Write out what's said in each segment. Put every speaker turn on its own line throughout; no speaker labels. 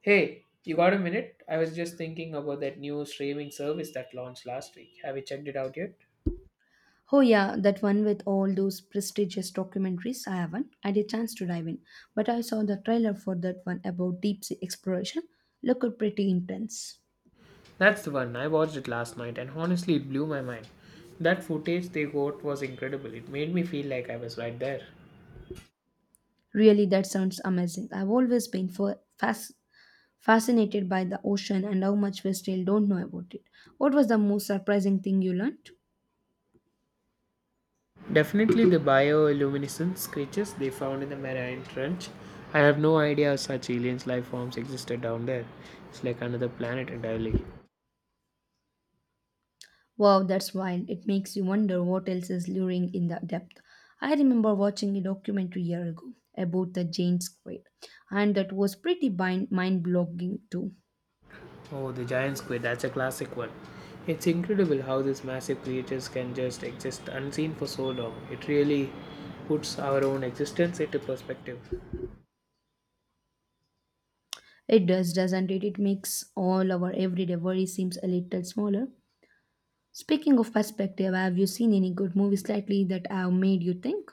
Hey, you got a minute? I was just thinking about that new streaming service that launched last week. Have you checked it out yet?
Oh, yeah, that one with all those prestigious documentaries. I haven't had a chance to dive in, but I saw the trailer for that one about deep sea exploration. Looked pretty intense.
That's the one. I watched it last night and honestly, it blew my mind. That footage they got was incredible. It made me feel like I was right there.
Really, that sounds amazing. I've always been fascinated by the ocean and how much we still don't know about it. What was the most surprising thing you learned?
Definitely the bioluminescence creatures they found in the Mariana trench. I have no idea such alien life forms existed down there. It's like another planet entirely.
Wow, that's wild. It makes you wonder what else is luring in the depth. I remember watching a documentary a year ago about the Jane Squid, and that was pretty mind blogging too.
Oh, the giant squid, that's a classic one. It's incredible how these massive creatures can just exist unseen for so long. It really puts our own existence into perspective.
It does, doesn't it? It makes all our everyday worry seems a little smaller. Speaking of perspective, have you seen any good movies lately that have made you think?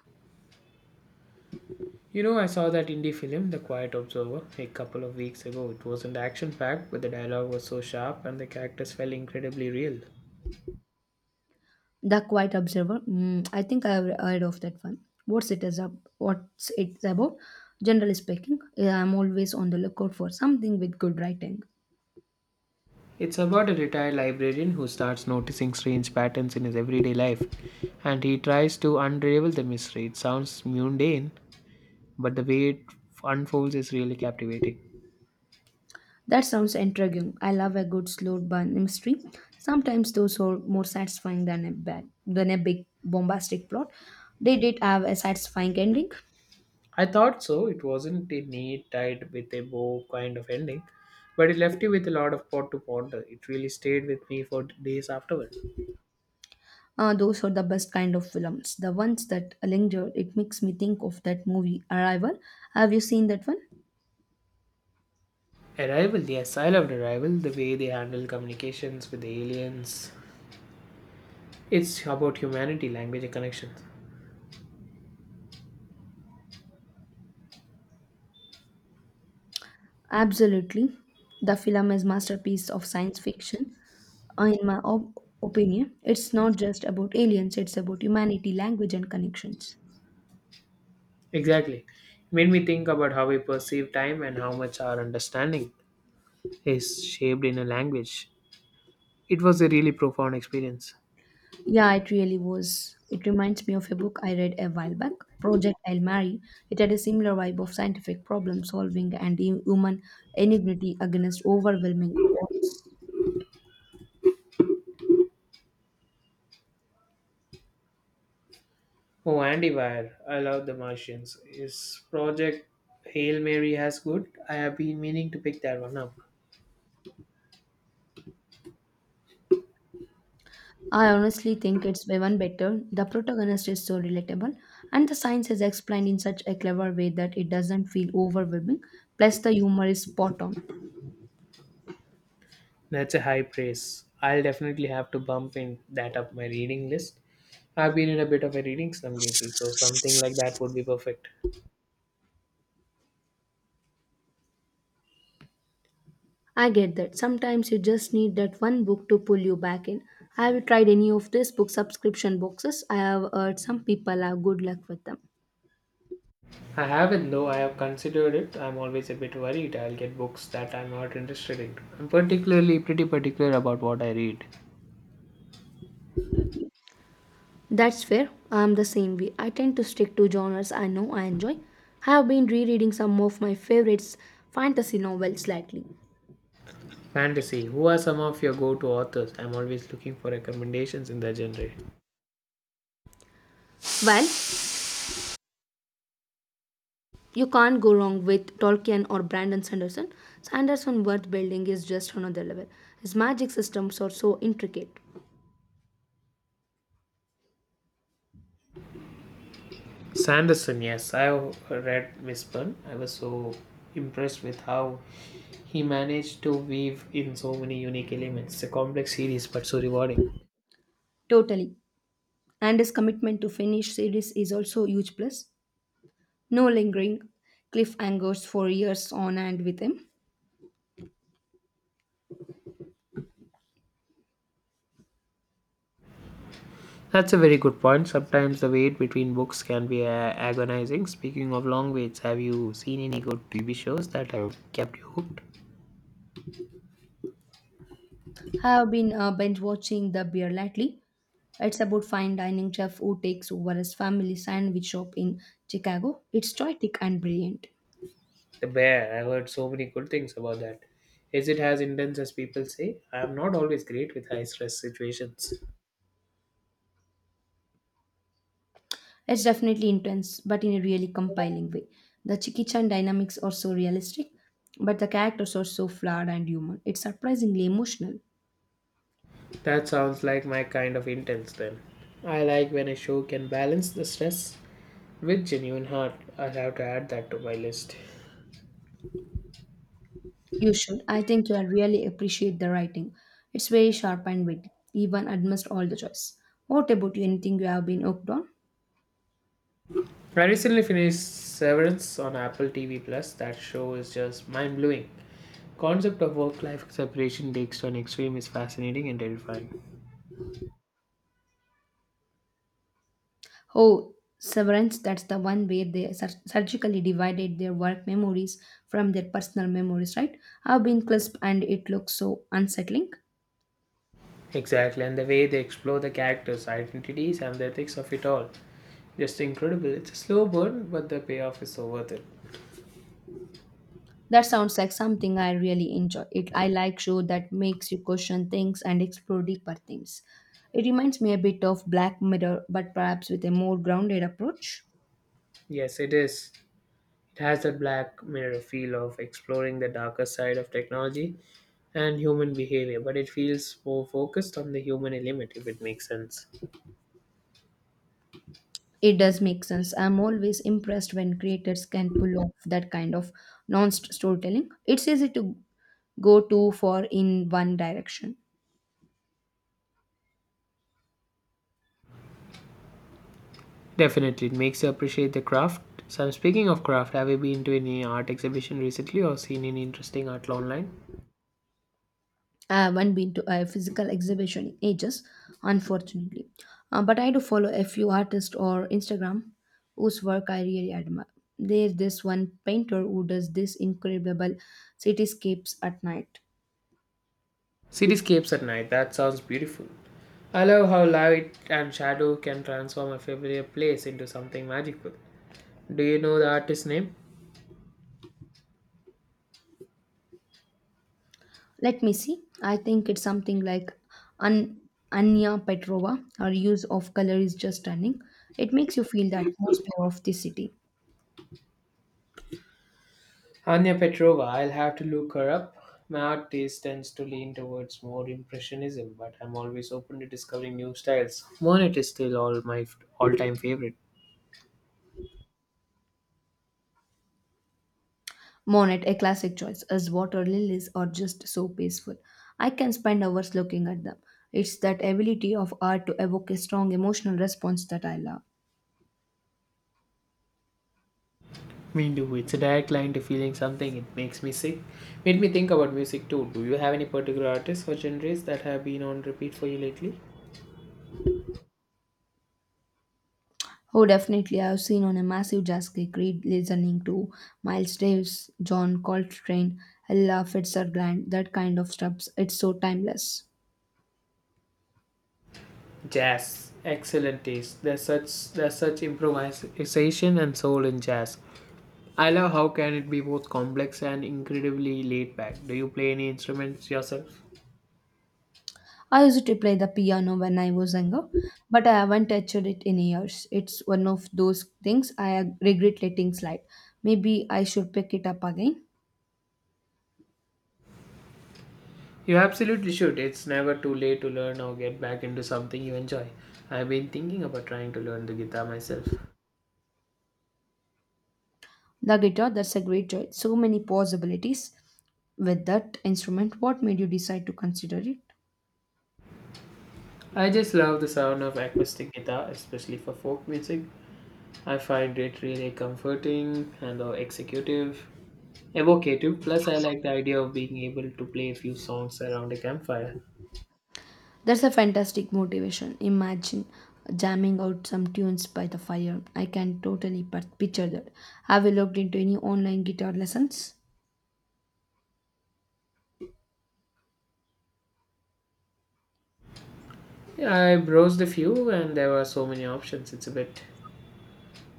You know, I saw that indie film, The Quiet Observer, a couple of weeks ago. It wasn't action packed, but the dialogue was so sharp and the characters felt incredibly real.
The Quiet Observer. Mm, I think I've heard of that one. What's it is up? What's it's about? Generally speaking, yeah, I'm always on the lookout for something with good writing.
It's about a retired librarian who starts noticing strange patterns in his everyday life and he tries to unravel the mystery. It sounds mundane, but the way it unfolds is really captivating.
That sounds intriguing. I love a good slow burn mystery. Sometimes those are more satisfying than than a big bombastic plot. They did have a satisfying ending.
I thought so. It wasn't a neat, tied with a bow kind of ending, but it left you with a lot of pot to ponder. It really stayed with me for days afterward.
Those are the best kind of films. The ones that linger, it makes me think of that movie Arrival. Have you seen that one?
Arrival, yes, I loved Arrival. The way they handle communications with the aliens. It's about humanity, language, and connections.
Absolutely. The film is masterpiece of science fiction. In my opinion, it's not just about aliens, it's about humanity, language and connections.
Exactly. It made me think about how we perceive time and how much our understanding is shaped in a language. It was a really profound experience.
Yeah, it really was. It reminds me of a book I read a while back, Project I'll Marry. It had a similar vibe of scientific problem solving and human enmity against overwhelming odds.
Oh, Andy Weir, I love The Martians. Is Project Hail Mary as good? I have been meaning to pick that one up.
I honestly think it's way one better. The protagonist is so relatable, and the science is explained in such a clever way that it doesn't feel overwhelming. Plus, the humor is spot on.
That's a high praise. I'll definitely have to bump in that up my reading list. I've been in a bit of a reading slump lately, so something like that would be perfect.
I get that. Sometimes you just need that one book to pull you back in. Have you tried any of these book subscription boxes? I have heard some people have good luck with them.
I haven't though I have considered it. I'm always a bit worried I'll get books that I'm not interested in. I'm particularly pretty particular about what I read.
That's fair. I'm the same way. I tend to stick to genres I know I enjoy. I have been rereading some of my favorites fantasy novels lately.
Fantasy. Who are some of your go-to authors? I'm always looking for recommendations in the genre.
Well, you can't go wrong with Tolkien or Brandon Sanderson. Sanderson's world building is just another level. His magic systems are so intricate.
Sanderson, yes, I've read Mistborn. I was so impressed with how he managed to weave in so many unique elements. It's a complex series, but so rewarding.
Totally, and his commitment to finish series is also a huge plus. No lingering cliffhangers for years on and with him.
That's a very good point. Sometimes the wait between books can be agonizing. Speaking of long waits, have you seen any good TV shows that have kept you hooked?
I have been binge watching The Bear lately. It's about fine dining chef who takes over his family sandwich shop in Chicago. It's poetic and brilliant.
The Bear. I've heard so many good things about that. Is it as intense as people say? I am not always great with high stress situations.
It's definitely intense, but in a really compelling way. The Chicky Chan dynamics are so realistic, but the characters are so flawed and human. It's surprisingly emotional.
That sounds like my kind of intense then. I like when a show can balance the stress with genuine heart. I'll have to add that to my list.
You should. I think you'll really appreciate the writing. It's very sharp and witty, even amidst all the choice. What about you? Anything you have been hooked on?
I recently finished Severance on Apple TV Plus. That show is just mind blowing. Concept of work-life separation takes to an extreme is fascinating and terrifying.
Oh, Severance, that's the one where they surgically divided their work memories from their personal memories, right? I've been crisp and it looks so unsettling.
Exactly, and the way they explore the characters' identities and the ethics of it all, just incredible. It's a slow burn, but the payoff is so worth it.
That sounds like something I really enjoy. It I like show that makes you question things and explore deeper themes. It reminds me a bit of Black Mirror, but perhaps with a more grounded approach.
Yes, it is. It has that black mirror feel of exploring the darker side of technology and human behavior, but it feels more focused on the human element if it makes sense.
It does make sense. I'm always impressed when creators can pull off that kind of non storytelling. It's easy to go too far in one direction.
Definitely, it makes you appreciate the craft. So, I'm speaking of craft, have you been to any art exhibition recently or seen any interesting art online?
I haven't been to a physical exhibition in ages, unfortunately. But I do follow a few artists or Instagram whose work I really admire. There's this one painter who does this incredible cityscapes at night.
Cityscapes at night, that sounds beautiful. I love how light and shadow can transform a familiar place into something magical. Do you know the artist's name?
Let me see. I think it's something like An- Anya Petrova. Her use of color is just stunning. It makes you feel the atmosphere of the city.
Anya Petrova, I'll have to look her up. My art taste tends to lean towards more impressionism, but I'm always open to discovering new styles. Monet is still all-time favorite.
Monet, a classic choice, as water lilies are just so peaceful. I can spend hours looking at them. It's that ability of art to evoke a strong emotional response that I love.
Me too. It's a direct line to feeling something. It makes me sick. Made me think about music too. Do you have any particular artists or genres that have been on repeat for you lately?
Oh, definitely. I've seen on a massive jazz gig read listening to Miles Davis, John Coltrane, Ella Fitzgerald, that kind of stuff. It's so timeless.
Jazz, excellent taste. There's such improvisation and soul in jazz. I love how can it be both complex and incredibly laid back. Do you play any instruments yourself?
I used to play the piano when I was younger, but I haven't touched it in years. It's one of those things I regret letting slide. Maybe I should pick it up again.
You absolutely should. It's never too late to learn or get back into something you enjoy. I've been thinking about trying to learn the guitar myself.
The guitar, that's a great choice. So many possibilities with that instrument. What made you decide to consider it?
I just love the sound of acoustic guitar, especially for folk music. I find it really comforting and evocative. Plus, I like the idea of being able to play a few songs around a campfire.
That's a fantastic motivation. Imagine jamming out some tunes by the fire. I can totally picture that. Have you looked into any online guitar lessons?
Yeah, I browsed a few and there were so many options. It's a bit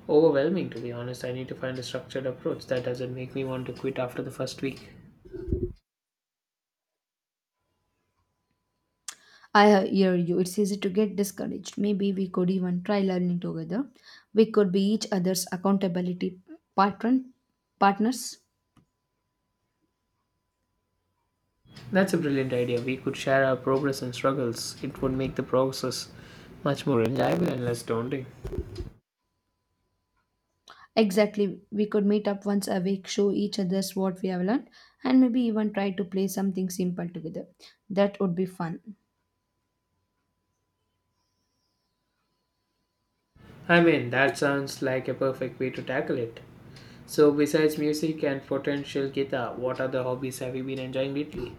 overwhelming, to be honest. I need to find a structured approach that doesn't make me want to quit after the first week.
I hear you. It's easy to get discouraged. Maybe we could even try learning together. We could be each other's accountability patron partners.
That's a brilliant idea. We could share our progress and struggles. It would make the process much more enjoyable and less daunting.
Exactly. We could meet up once a week, show each other's what we have learned, and maybe even try to play something simple together. That would be fun.
I mean, that sounds like a perfect way to tackle it. So, besides music and potential guitar, what other hobbies have you been enjoying lately?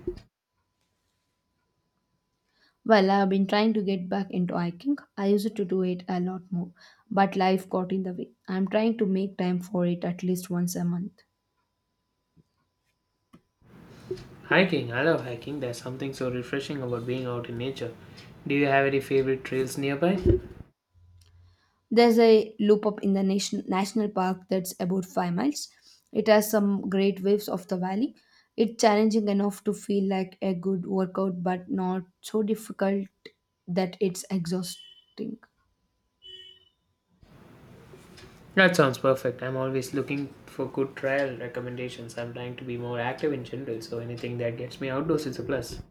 Well, I have been trying to get back into hiking. I used to do it a lot more, but life got in the way. I'm trying to make time for it at least once a month.
Hiking. I love hiking. There's something so refreshing about being out in nature. Do you have any favorite trails nearby?
There's a loop up in the national park that's about 5 miles. It has some great views of the valley. It's challenging enough to feel like a good workout, but not so difficult that it's exhausting.
That sounds perfect. I'm always looking for good trail recommendations. I'm trying to be more active in general, so anything that gets me outdoors is a plus.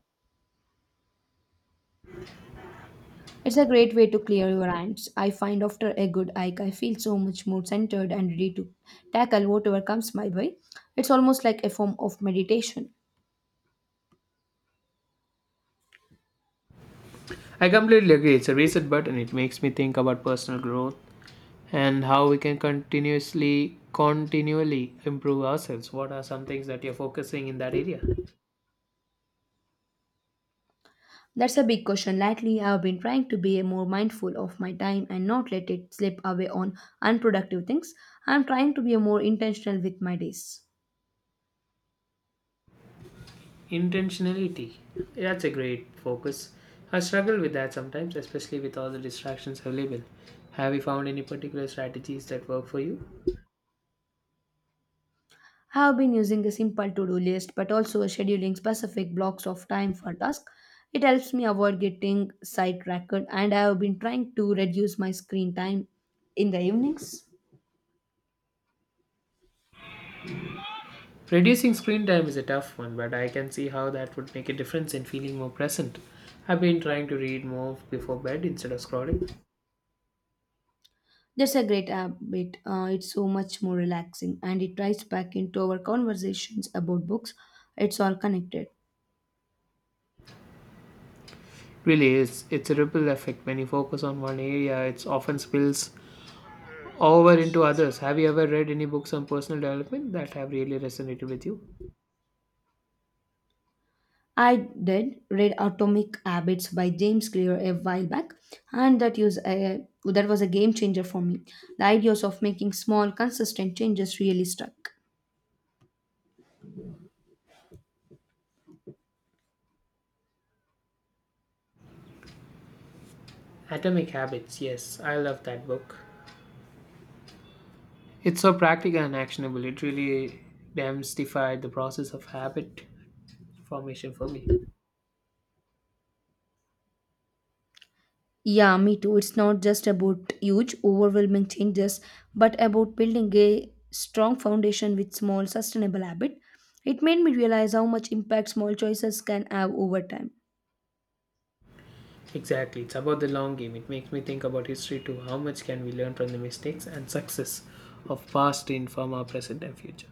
It's a great way to clear your hands. I find after a good hike, I feel so much more centered and ready to tackle whatever comes my way. It's almost like a form of meditation.
I completely agree. It's a reset button. It makes me think about personal growth and how we can continuously continually improve ourselves. What are some things that you're focusing in that area?
That's a big question. Lately, I've been trying to be more mindful of my time and not let it slip away on unproductive things. I'm trying to be more intentional with my days.
Intentionality. That's a great focus. I struggle with that sometimes, especially with all the distractions available. Have you found any particular strategies that work for you?
I have been using a simple to do list but also scheduling specific blocks of time for tasks. It helps me avoid getting sidetracked, and I have been trying to reduce my screen time in the evenings.
Reducing screen time is a tough one, but I can see how that would make a difference in feeling more present. I've been trying to read more before bed instead of scrolling.
That's a great habit. It's so much more relaxing, and it ties back into our conversations about books. It's all connected.
Really is. It's a ripple effect. When you focus on one area, it often spills over into others. Have you ever read any books on personal development that have really resonated with you?
I did read Atomic Habits by James Clear a while back, and that was a game changer for me. The ideas of making small, consistent changes really struck.
Atomic Habits. Yes, I love that book. It's so practical and actionable. It really demystified the process of habit formation for me.
Yeah, me too. It's not just about huge, overwhelming changes, but about building a strong foundation with small, sustainable habit. It made me realize how much impact small choices can have over time.
Exactly, it's about the long game. It makes me think about history too. How much can we learn from the mistakes and success of past to inform our present and future?